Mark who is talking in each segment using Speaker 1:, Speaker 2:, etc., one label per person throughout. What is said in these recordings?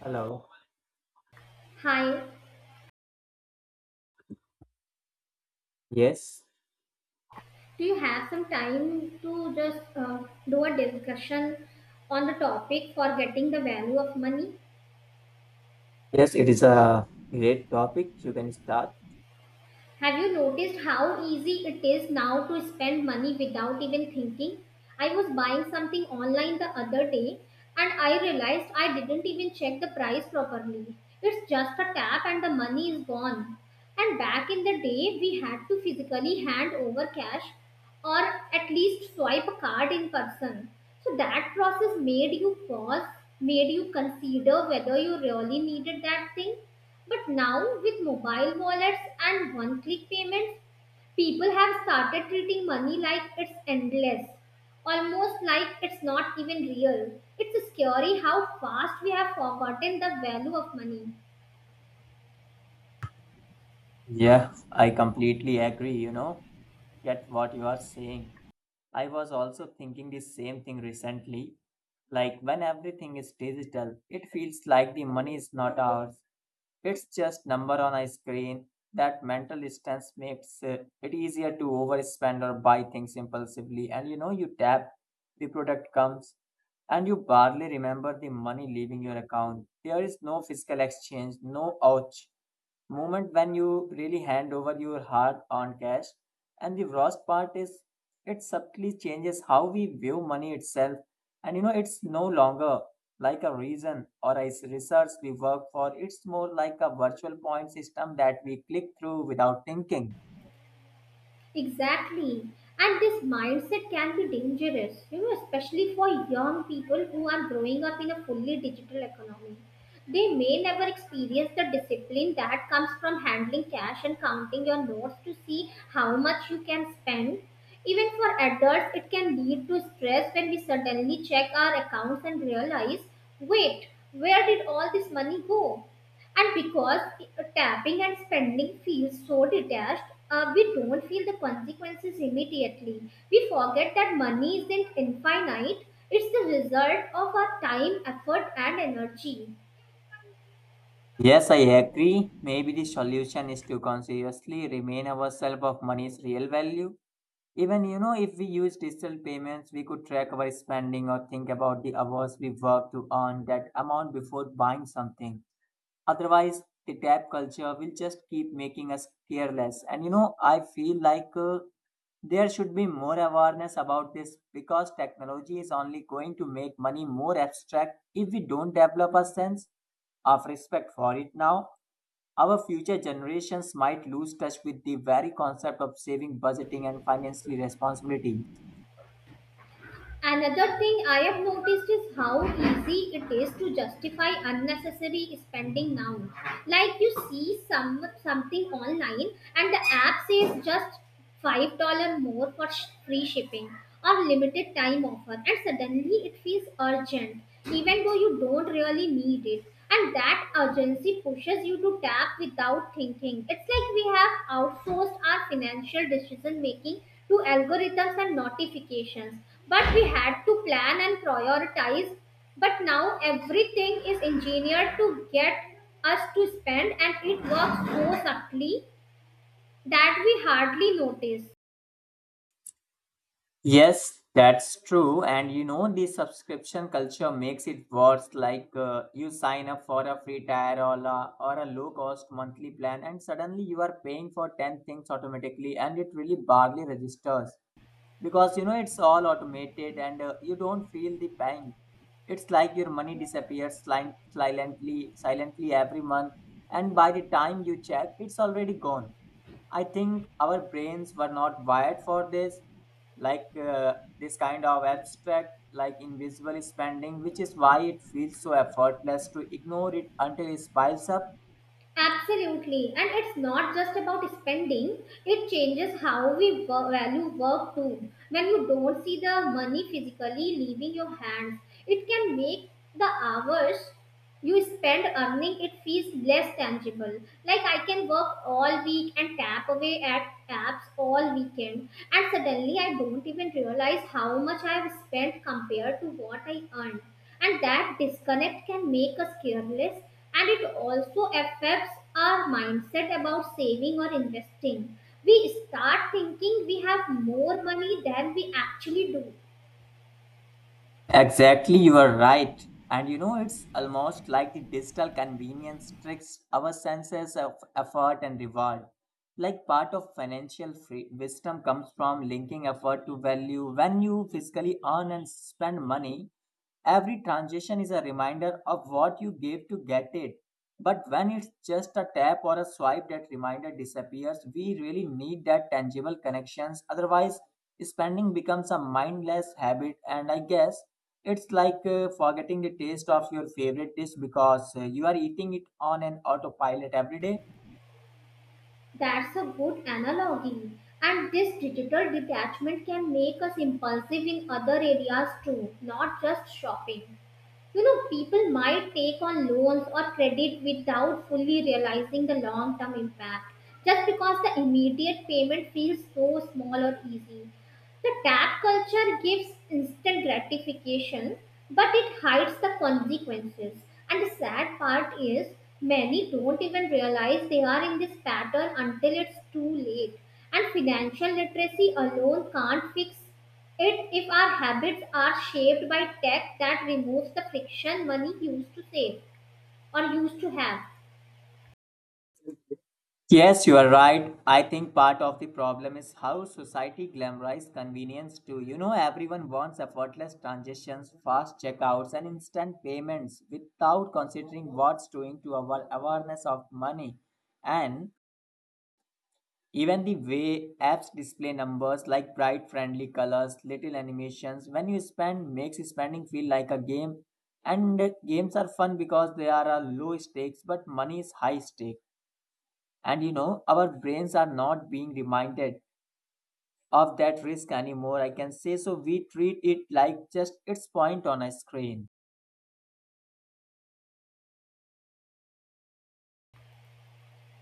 Speaker 1: Hello.
Speaker 2: Hi,
Speaker 1: Yes.
Speaker 2: do you have some time to just do a discussion on the topic for getting the value of money?
Speaker 1: Yes, it is a great topic. You can start.
Speaker 2: Have you noticed how easy it is now to spend money without even thinking? I was buying something online the other day and I realized I didn't even check the price properly. It's just a tap and the money is gone. And back in the day, we had to physically hand over cash or at least swipe a card in person. So that process made you pause, made you consider whether you really needed that thing, but now, with mobile wallets and one click payments, people have started treating money like it's endless, almost like it's not even real. It's scary how fast we have forgotten the value of money.
Speaker 1: Yeah, I completely agree, get what you are saying. I was also thinking the same thing recently. Like when everything is digital, it feels like the money is not ours. It's just number on a screen. That mental distance makes it easier to overspend or buy things impulsively. And you tap, the product comes and you barely remember the money leaving your account. There is no physical exchange, no ouch moment when you really hand over your hard earned cash. And the worst part is it subtly changes how we view money itself. And it's no longer like a reason or a research we work for, it's more like a virtual point system that we click through without thinking.
Speaker 2: Exactly. And this mindset can be dangerous, you know, especially for young people who are growing up in a fully digital economy. They may never experience the discipline that comes from handling cash and counting your notes to see how much you can spend. Even for adults, it can lead to stress when we suddenly check our accounts and realize, wait, where did all this money go? And because tapping and spending feels so detached, we don't feel the consequences immediately. We forget that money isn't infinite, it's the result of our time, effort, and energy.
Speaker 1: Yes, I agree. Maybe the solution is to consciously remain ourselves of money's real value. Even, if we use digital payments, we could track our spending or think about the hours we work to earn that amount before buying something. Otherwise, the tap culture will just keep making us careless. And, I feel like there should be more awareness about this because technology is only going to make money more abstract if we don't develop a sense of respect for it now. Our future generations might lose touch with the very concept of saving, budgeting, and financial responsibility.
Speaker 2: Another thing I have noticed is how easy it is to justify unnecessary spending now. Like you see something online and the app says just $5 more for free shipping or limited time offer, and suddenly it feels urgent, even though you don't really need it. And that urgency pushes you to tap without thinking. It's like we have outsourced our financial decision making to algorithms and notifications. But we had to plan and prioritize. But now everything is engineered to get us to spend, and it works so subtly that we hardly notice.
Speaker 1: Yes, that's true. And the subscription culture makes it worse. Like you sign up for a free tier or a low cost monthly plan, and suddenly you are paying for 10 things automatically, and it really barely registers because it's all automated and you don't feel the pain. It's like your money disappears silently every month, and by the time you check, it's already gone. I think our brains were not wired for this, like this kind of abstract, like invisible spending, which is why it feels so effortless to ignore it until it piles up.
Speaker 2: Absolutely. And it's not just about spending, it changes how we value work too. When you don't see the money physically leaving your hands, it can make the hours you spend earning it feels less tangible. Like I can work all week and tap away at apps all weekend and suddenly I don't even realize how much I have spent compared to what I earned. And that disconnect can make us careless, and it also affects our mindset about saving or investing. We start thinking we have more money than we actually do.
Speaker 1: Exactly, you are right. And it's almost like the digital convenience tricks our senses of effort and reward. Like part of financial wisdom comes from linking effort to value. When you physically earn and spend money, every transaction is a reminder of what you gave to get it. But when it's just a tap or a swipe, that reminder disappears. We really need that tangible connections. Otherwise, spending becomes a mindless habit. And I guess it's like forgetting the taste of your favorite dish because you are eating it on an autopilot every day.
Speaker 2: That's a good analogy. And this digital detachment can make us impulsive in other areas too, not just shopping. You know, people might take on loans or credit without fully realizing the long term impact just because the immediate payment feels so small or easy. The tap culture gives instant gratification, but it hides the consequences. And the sad part is, many don't even realize they are in this pattern until it's too late. And financial literacy alone can't fix it if our habits are shaped by tech that removes the friction money used to save or used to have.
Speaker 1: Yes, you are right. I think part of the problem is how society glamorizes convenience too. Everyone wants effortless transactions, fast checkouts, and instant payments without considering what's doing to our awareness of money. And even the way apps display numbers, like bright friendly colors, little animations when you spend, makes spending feel like a game. And games are fun because they are a low stakes, but money is high stake. And our brains are not being reminded of that risk anymore. I can say so. We treat it like just its point on a screen.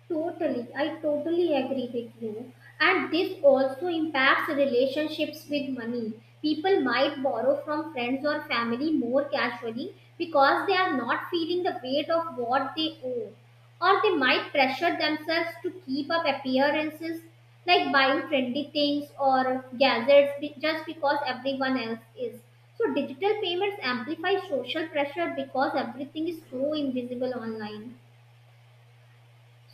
Speaker 2: Totally, I totally agree with you. And this also impacts relationships with money. People might borrow from friends or family more casually because they are not feeling the weight of what they owe. Or they might pressure themselves to keep up appearances like buying trendy things or gadgets just because everyone else is. So digital payments amplify social pressure because everything is so invisible online.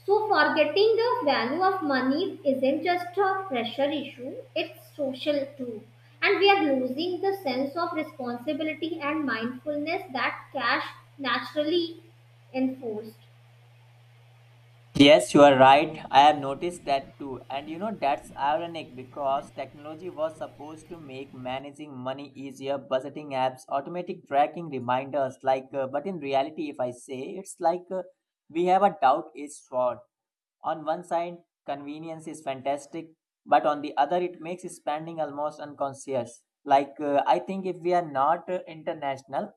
Speaker 2: So, forgetting the value of money isn't just a pressure issue, it's social too. And we are losing the sense of responsibility and mindfulness that cash naturally enforced.
Speaker 1: Yes, you are right. I have noticed that too. And that's ironic because technology was supposed to make managing money easier, budgeting apps, automatic tracking reminders. Like, but in reality, if I say, it's like we have a doubt is sword. On one side, convenience is fantastic, but on the other, it makes spending almost unconscious. Like, I think if we are not international,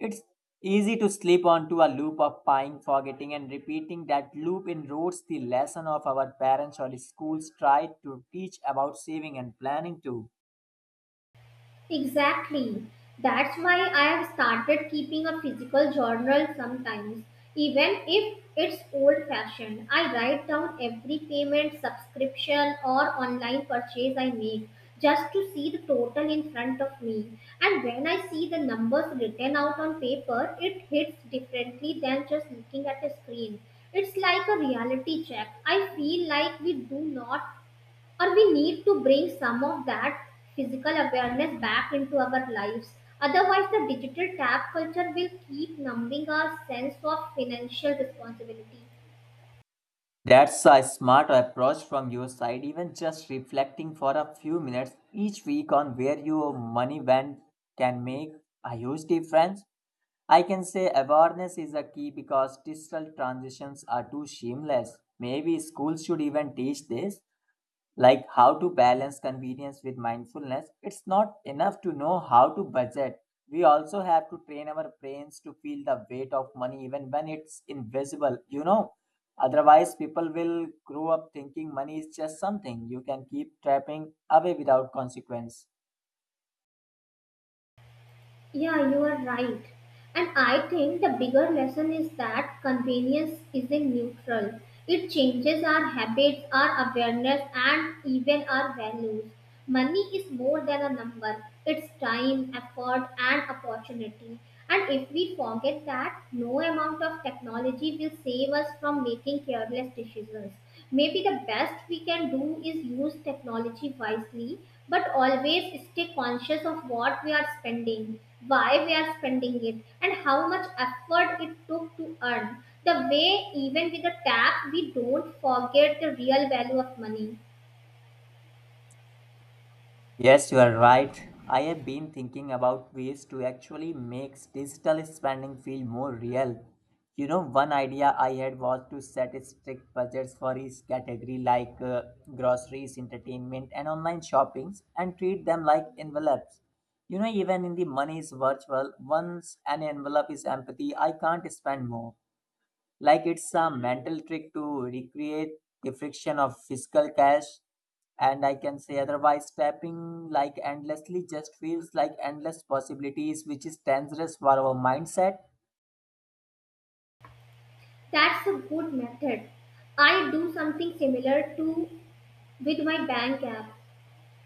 Speaker 1: it's easy to slip onto a loop of buying, forgetting, and repeating. That loop erodes the lesson of our parents or schools tried to teach about saving and planning too.
Speaker 2: Exactly. That's why I have started keeping a physical journal sometimes. Even if it's old fashioned, I write down every payment, subscription, or online purchase I make just to see the total in front of me. And when I see the numbers written out on paper, it hits differently than just looking at a screen. It's like a reality check. I feel like we do not, or we need to bring some of that physical awareness back into our lives. Otherwise, the digital tab culture will keep numbing our sense of financial responsibility.
Speaker 1: That's a smart approach from your side, even just reflecting for a few minutes each week on where your money went can make a huge difference. I can say awareness is a key because digital transitions are too seamless. Maybe schools should even teach this, like how to balance convenience with mindfulness. It's not enough to know how to budget. We also have to train our brains to feel the weight of money even when it's invisible. Otherwise, people will grow up thinking money is just something you can keep trapping away without consequence.
Speaker 2: Yeah, you are right. And I think the bigger lesson is that convenience isn't neutral. It changes our habits, our awareness, and even our values. Money is more than a number, it's time, effort, and opportunity. And if we forget that, no amount of technology will save us from making careless decisions. Maybe the best we can do is use technology wisely, but always stay conscious of what we are spending, why we are spending it, and how much effort it took to earn. The way, even with a tap, we don't forget the real value of money.
Speaker 1: Yes, you are right. I have been thinking about ways to actually make digital spending feel more real. One idea I had was to set strict budgets for each category, like groceries, entertainment, and online shoppings, and treat them like envelopes. Even in the money is virtual, once an envelope is empty, I can't spend more. Like it's a mental trick to recreate the friction of physical cash. And I can say otherwise, clapping like endlessly just feels like endless possibilities, which is dangerous for our mindset.
Speaker 2: That's a good method. I do something similar to with my bank app.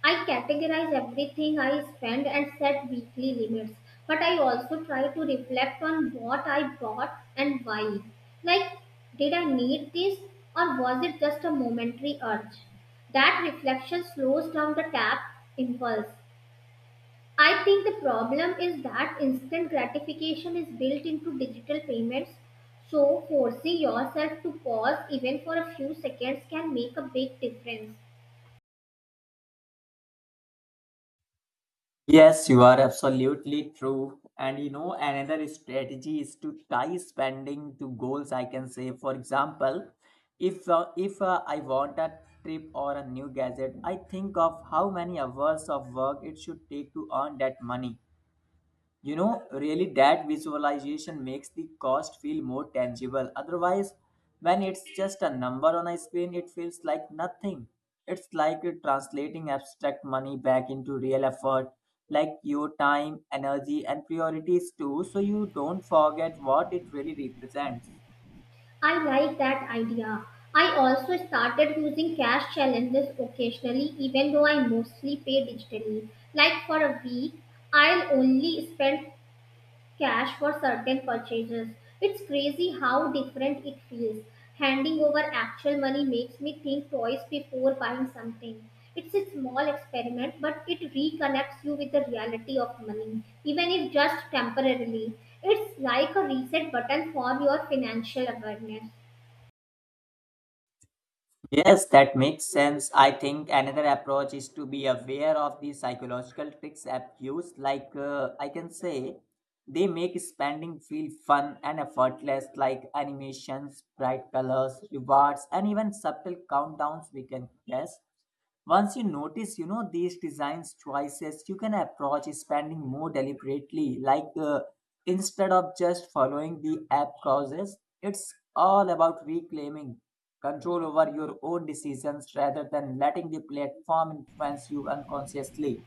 Speaker 2: I categorize everything I spend and set weekly limits, but I also try to reflect on what I bought and why. Like, did I need this or was it just a momentary urge? That reflection slows down the tap impulse. I think the problem is that instant gratification is built into digital payments, so forcing yourself to pause even for a few seconds can make a big difference.
Speaker 1: Yes, you are absolutely true. And another strategy is to tie spending to goals. I can say, for example, if I want a trip or a new gadget, I think of how many hours of work it should take to earn that money. Really, that visualization makes the cost feel more tangible. Otherwise, when it's just a number on a screen, it feels like nothing. It's like you're translating abstract money back into real effort, like your time, energy, and priorities too, so you don't forget what it really represents.
Speaker 2: I like that idea. I also started using cash challenges occasionally, even though I mostly pay digitally. Like for a week, I'll only spend cash for certain purchases. It's crazy how different it feels. Handing over actual money makes me think twice before buying something. It's a small experiment, but it reconnects you with the reality of money, even if just temporarily. It's like a reset button for your financial awareness.
Speaker 1: Yes, that makes sense. I think another approach is to be aware of the psychological tricks app use. Like I can say, they make spending feel fun and effortless, like animations, bright colors, rewards, and even subtle countdowns we can guess. Once you notice, these designs choices, you can approach spending more deliberately. Like instead of just following the app causes, it's all about reclaiming control over your own decisions rather than letting the platform influence you unconsciously.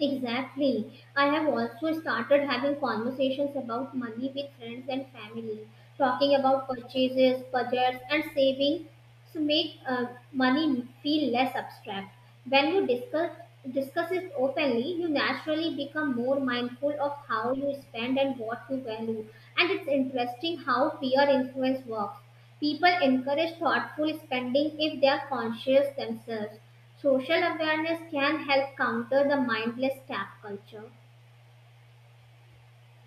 Speaker 2: Exactly. I have also started having conversations about money with friends and family, talking about purchases, budgets, and saving. So make money feel less abstract. When you discuss it openly, you naturally become more mindful of how you spend and what you value. And it's interesting how peer influence works. People encourage thoughtful spending if they are conscious themselves. Social awareness can help counter the mindless tap culture.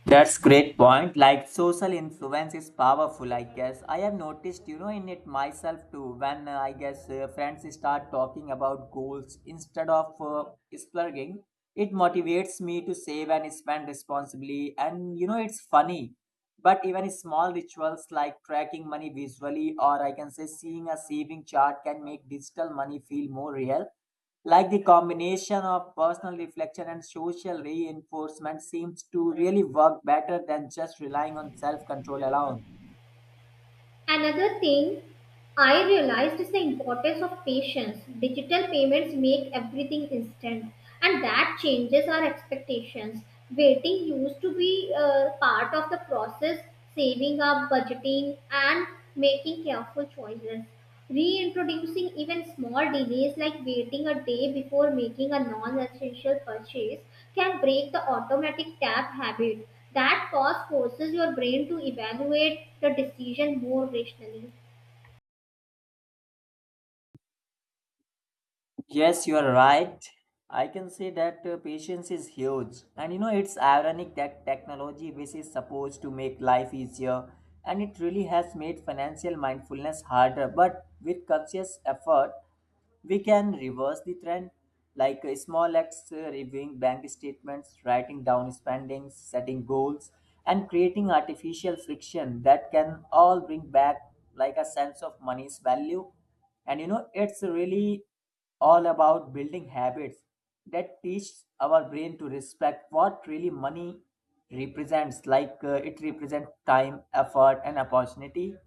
Speaker 1: That's great point. Like social influence is powerful, I guess. I have noticed, in it myself too. When I guess friends start talking about goals instead of splurging, it motivates me to save and spend responsibly. And it's funny, but even small rituals like tracking money visually, or I can say seeing a saving chart, can make digital money feel more real. Like the combination of personal reflection and social reinforcement seems to really work better than just relying on self control alone.
Speaker 2: Another thing I realized is the importance of patience. Digital payments make everything instant, and that changes our expectations. Waiting used to be part of the process, saving up, budgeting, and making careful choices. Reintroducing even small delays like waiting a day before making a non essential purchase can break the automatic tap habit. That pause forces your brain to evaluate the decision more rationally.
Speaker 1: Yes, you are right. I can say that patience is huge. And it's ironic that technology, which is supposed to make life easier, and it really has made financial mindfulness harder. But with conscious effort, we can reverse the trend, like small acts, reviewing bank statements, writing down spendings, setting goals, and creating artificial friction that can all bring back like a sense of money's value. And it's really all about building habits that teach our brain to respect what really money represents, like it represents time effort and opportunity.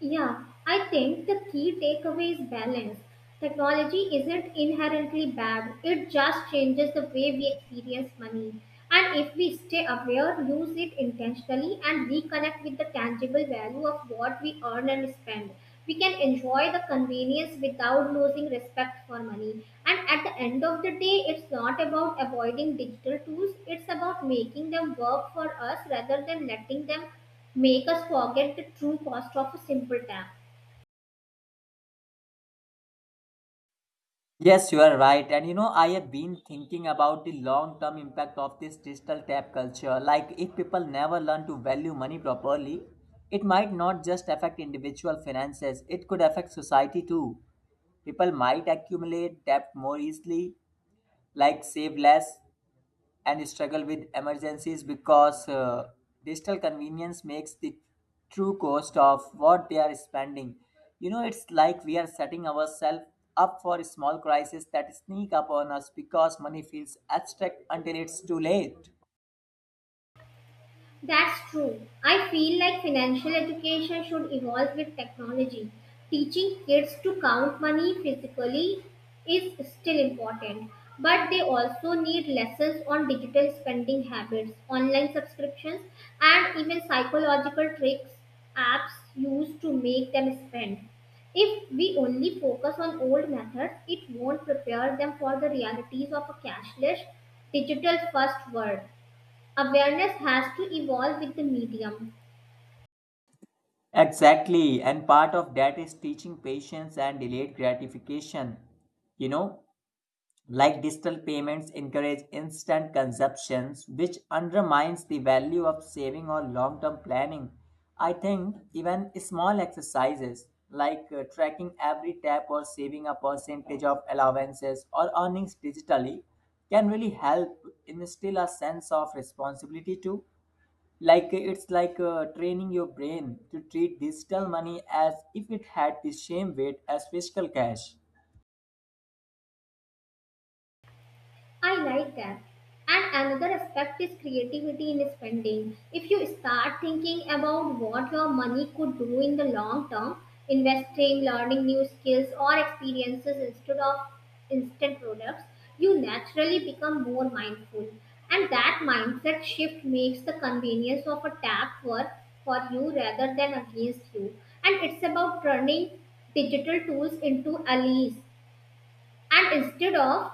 Speaker 2: Yeah, I think the key takeaway is balance. Technology isn't inherently bad, it just changes the way we experience money. And if we stay aware, use it intentionally, and reconnect with the tangible value of what we earn and spend, we can enjoy the convenience without losing respect for money. And at the end of the day, it's not about avoiding digital tools, it's about making them work for us rather than letting them make us forget the true cost of a simple tap.
Speaker 1: Yes, you are right. And I have been thinking about the long term impact of this digital tap culture. Like, if people never learn to value money properly, it might not just affect individual finances, it could affect society too. People might accumulate debt more easily, like save less, and struggle with emergencies because digital convenience makes the true cost of what they are spending. It's like we are setting ourselves up for small crises that sneak upon us because money feels abstract until it's too late.
Speaker 2: That's true. I feel like financial education should evolve with technology. Teaching kids to count money physically is still important, but they also need lessons on digital spending habits, online subscriptions, and even psychological tricks apps use to make them spend. If we only focus on old methods, it won't prepare them for the realities of a cashless, digital first world. Awareness has to evolve with the medium.
Speaker 1: Exactly, and part of that is teaching patience and delayed gratification. You know, Like digital payments encourage instant consumptions, which undermines the value of saving or long term planning. I think even small exercises like tracking every tap or saving a percentage of allowances or earnings digitally can really help instill a sense of responsibility too. Like it's like training your brain to treat digital money as if it had the same weight as physical cash.
Speaker 2: I like that. And another aspect is creativity in spending. If you start thinking about what your money could do in the long term, investing, learning new skills or experiences instead of instant products, you naturally become more mindful. And that mindset shift makes the convenience of a tap work for you rather than against you. And it's about turning digital tools into allies and instead of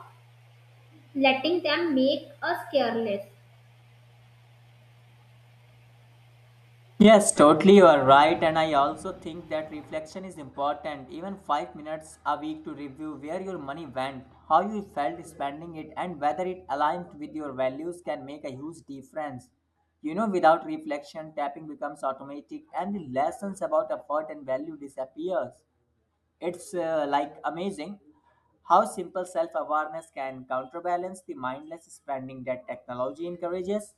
Speaker 2: letting them make us careless.
Speaker 1: Yes, totally, you are right. And I also think that reflection is important. Even 5 minutes a week to review where your money went, how you felt spending it, and whether it aligned with your values can make a huge difference. Without reflection, tapping becomes automatic and the lessons about effort and value disappears. It's like amazing how simple self-awareness can counterbalance the mindless spending that technology encourages.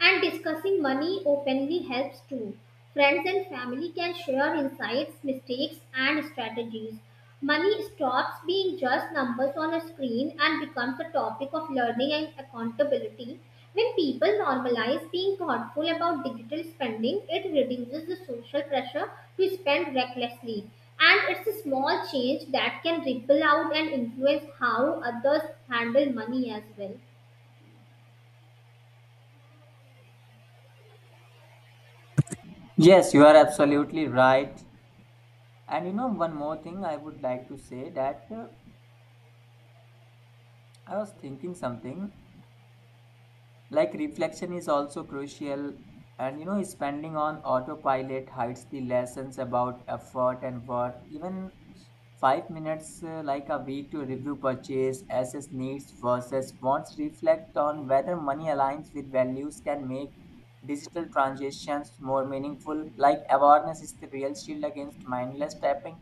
Speaker 2: And discussing money openly helps too. Friends and family can share insights, mistakes, and strategies. Money stops being just numbers on a screen and becomes a topic of learning and accountability. When people normalize being thoughtful about digital spending, it reduces the social pressure to spend recklessly. And it's a small change that can ripple out and influence how others handle money as well.
Speaker 1: Yes, you are absolutely right. And one more thing I would like to say that I was thinking something like reflection is also crucial. And spending on autopilot hides the lessons about effort and worth. Even 5 minutes, like a week, to review purchase, assess needs versus wants, reflect on whether money aligns with values can make digital transactions more meaningful. Like awareness is the real shield against mindless tapping.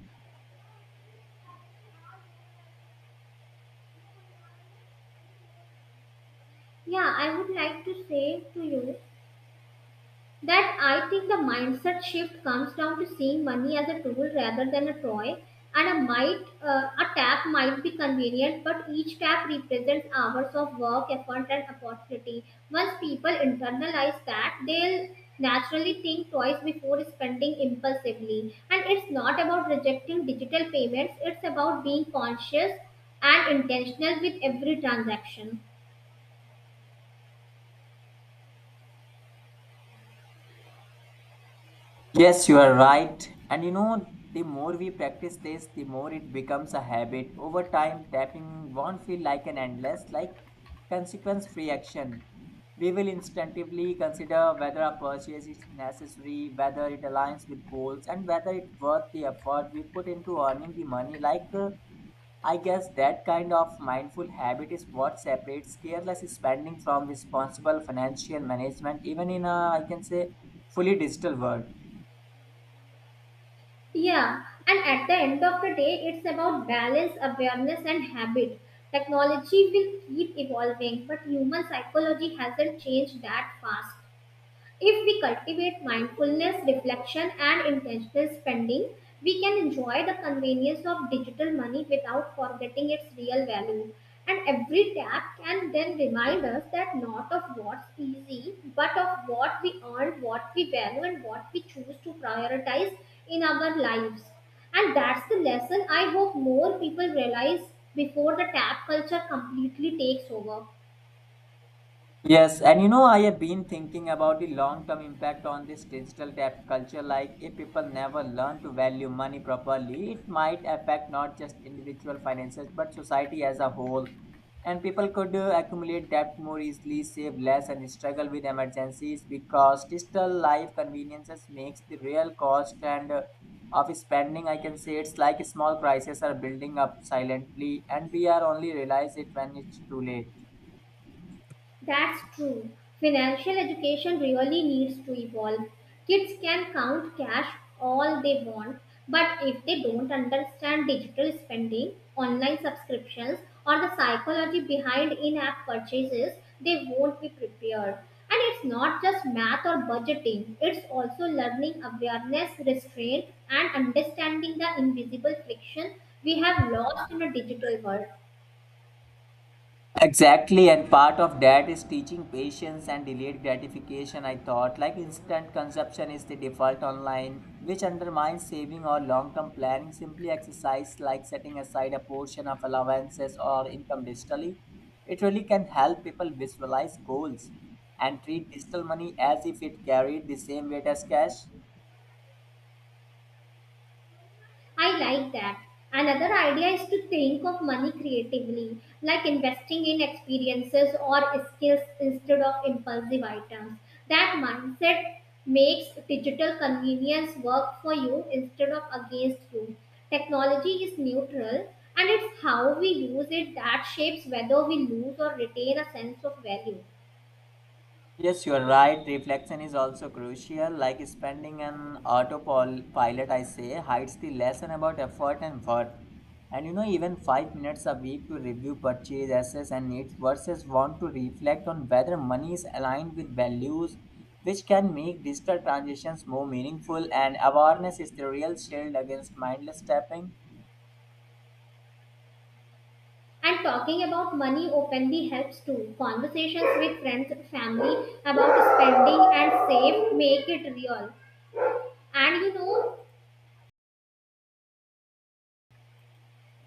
Speaker 2: Yeah, I would like to say to you that I think the mindset shift comes down to seeing money as a tool rather than a toy. And a tap might be convenient, but each tap represents hours of work, effort, and opportunity. Once people internalize that, they'll naturally think twice before spending impulsively. And it's not about rejecting digital payments; it's about being conscious and intentional with every transaction.
Speaker 1: Yes, you are right. And you know, the more we practice this, the more it becomes a habit. Over time, tapping won't feel like an endless, consequence free action. We will instinctively consider whether a purchase is necessary, whether it aligns with goals, and whether it's worth the effort we put into earning the money. I guess that kind of mindful habit is what separates careless spending from responsible financial management, even in a, I can say, fully digital world.
Speaker 2: Yeah, and at the end of the day, it's about balance, awareness, and habit. Technology will keep evolving, but human psychology hasn't changed that fast. If we cultivate mindfulness, reflection, and intentional spending, we can enjoy the convenience of digital money without forgetting its real value. And every tap can then remind us that not of what's easy, but of what we earn, what we value, and what we choose to prioritize in our lives. And that's the lesson I hope more people realize before the tap culture completely takes over.
Speaker 1: Yes, and you know, I have been thinking about the long-term impact on this digital debt culture. Like, if people never learn to value money properly, it might affect not just individual finances but society as a whole. And people could accumulate debt more easily, save less, and struggle with emergencies because digital life conveniences makes the real cost and of spending. I can say it's like small crises are building up silently, and we are only realize it when it's too late.
Speaker 2: That's true. Financial education really needs to evolve. Kids can count cash all they want, but if they don't understand digital spending, online subscriptions, or the psychology behind in app purchases, they won't be prepared. And it's not just math or budgeting, it's also learning awareness, restraint, and understanding the invisible friction we have lost in a digital world.
Speaker 1: Exactly, and part of that is teaching patience and delayed gratification. I thought like instant consumption is the default online, which undermines saving or long term planning. Simply exercise like setting aside a portion of allowances or income digitally. It really can help people visualize goals and treat digital money as if it carried the same weight as cash.
Speaker 2: I like that. Another idea is to think of money creatively, like investing in experiences or skills instead of impulsive items. That mindset makes digital convenience work for you instead of against you. Technology is neutral and it's how we use it that shapes whether we lose or retain a sense of value.
Speaker 1: Yes, you are right. Reflection is also crucial. Like spending an autopilot, I say, hides the lesson about effort and worth. And you know, even 5 minutes a week to review purchase, assets, and needs versus want to reflect on whether money is aligned with values, which can make digital transactions more meaningful. And awareness is the real shield against mindless tapping.
Speaker 2: And talking about money openly helps too. Conversations with friends and family about spending and save make it real. And you know,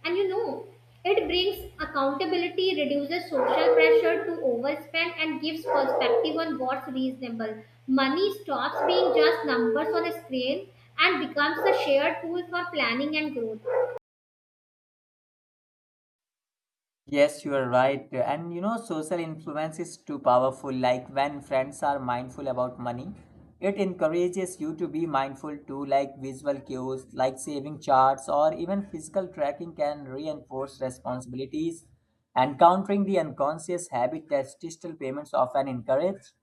Speaker 2: and you know, it brings accountability, reduces social pressure to overspend, and gives perspective on what's reasonable. Money stops being just numbers on a screen and becomes a shared tool for planning and growth.
Speaker 1: Yes, you are right. And you know, social influence is too powerful. Like when friends are mindful about money, it encourages you to be mindful too, like visual cues, like saving charts, or even physical tracking can reinforce responsibilities. And countering the unconscious habit that digital payments often encourage.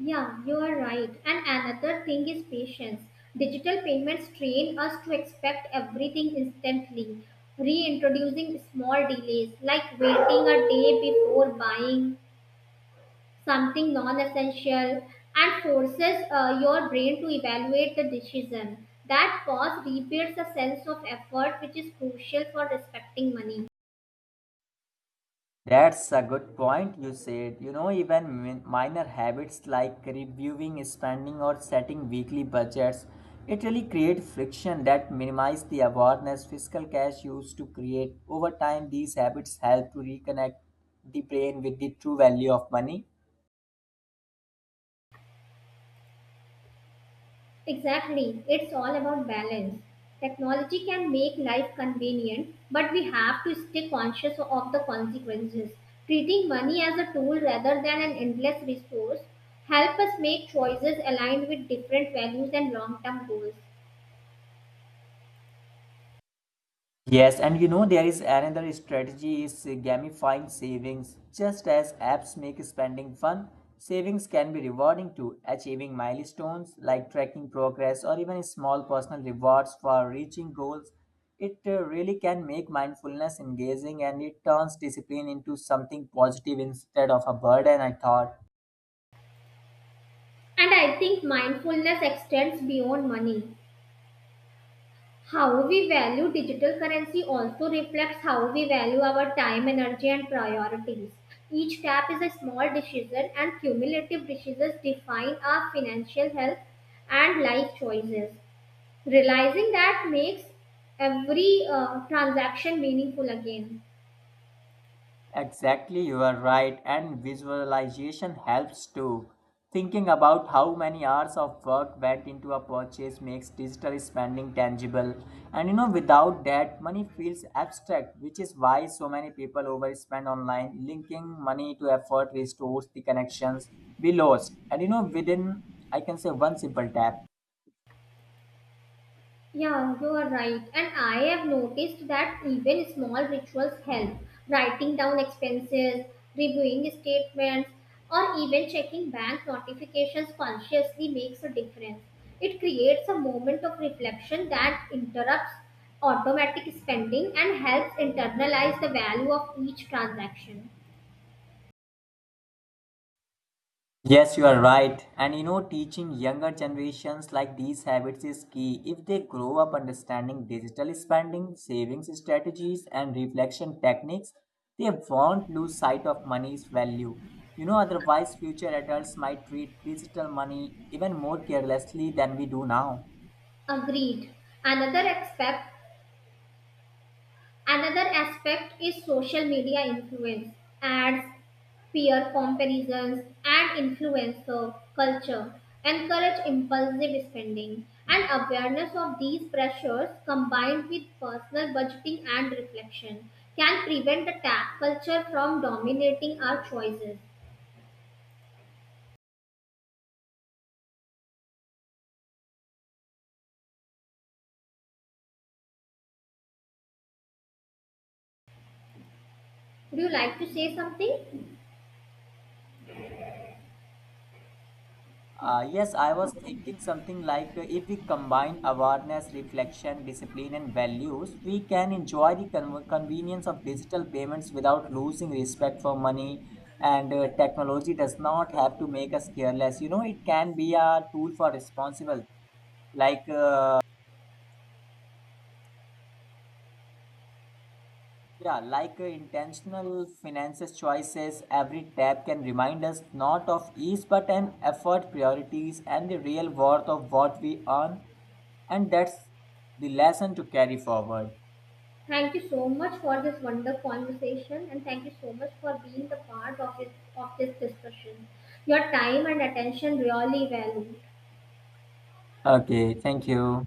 Speaker 2: Yeah, you are right. And another thing is patience. Digital payments train us to expect everything instantly, reintroducing small delays like waiting a day before buying something non essential and forces your brain to evaluate the decision. That pause rebuilds a sense of effort, which is crucial for respecting money.
Speaker 1: That's a good point you said. You know, even minor habits like reviewing spending or setting weekly budgets, it really create friction that minimize the awareness fiscal cash used to create. Over time, these habits help to reconnect the brain with the true value of money.
Speaker 2: Exactly. It's all about balance. Technology can make life convenient, but we have to stay conscious of the consequences. Treating money as a tool rather than an endless resource help us make choices aligned with different values and long-term goals.
Speaker 1: Yes, and you know there is another strategy is gamifying savings. Just as apps make spending fun, savings can be rewarding too. Achieving milestones like tracking progress or even small personal rewards for reaching goals, it really can make mindfulness engaging and it turns discipline into something positive instead of a burden, I thought.
Speaker 2: And I think mindfulness extends beyond money. How we value digital currency also reflects how we value our time, energy, and priorities. Each tap is a small decision, and cumulative decisions define our financial health and life choices. Realizing that makes every transaction meaningful again.
Speaker 1: Exactly, you are right, and visualization helps too. Thinking about how many hours of work went into a purchase makes digital spending tangible, and you know, without that, money feels abstract, which is why so many people overspend online. Linking money to effort restores the connections we lost, and you know, within I can say one simple tap.
Speaker 2: Yeah, you are right. And I have noticed that even small rituals help. Writing down expenses, reviewing statements, or even checking bank notifications consciously makes a difference. It creates a moment of reflection that interrupts automatic spending and helps internalize the value of each transaction.
Speaker 1: Yes, you are right. And you know, teaching younger generations like these habits is key. If they grow up understanding digital spending, savings strategies, and reflection techniques, they won't lose sight of money's value. You know, otherwise, future adults might treat digital money even more carelessly than we do now.
Speaker 2: Agreed. Another aspect, another aspect is social media influence. Ads, peer comparisons and influencer culture encourage impulsive spending, and awareness of these pressures combined with personal budgeting and reflection can prevent the tap culture from dominating our choices. Would you like to say something?
Speaker 1: Yes, I was thinking something if we combine awareness, reflection, discipline, and values, we can enjoy the convenience of digital payments without losing respect for money. And technology does not have to make us careless. You know, it can be a tool for responsible, like uh, intentional finances choices, every tab can remind us not of ease but an effort, priorities, and the real worth of what we earn. And that's the lesson to carry forward.
Speaker 2: Thank you so much for this wonderful conversation and thank you so much for being the part of of this discussion. Your time and attention really value.
Speaker 1: Okay, thank you.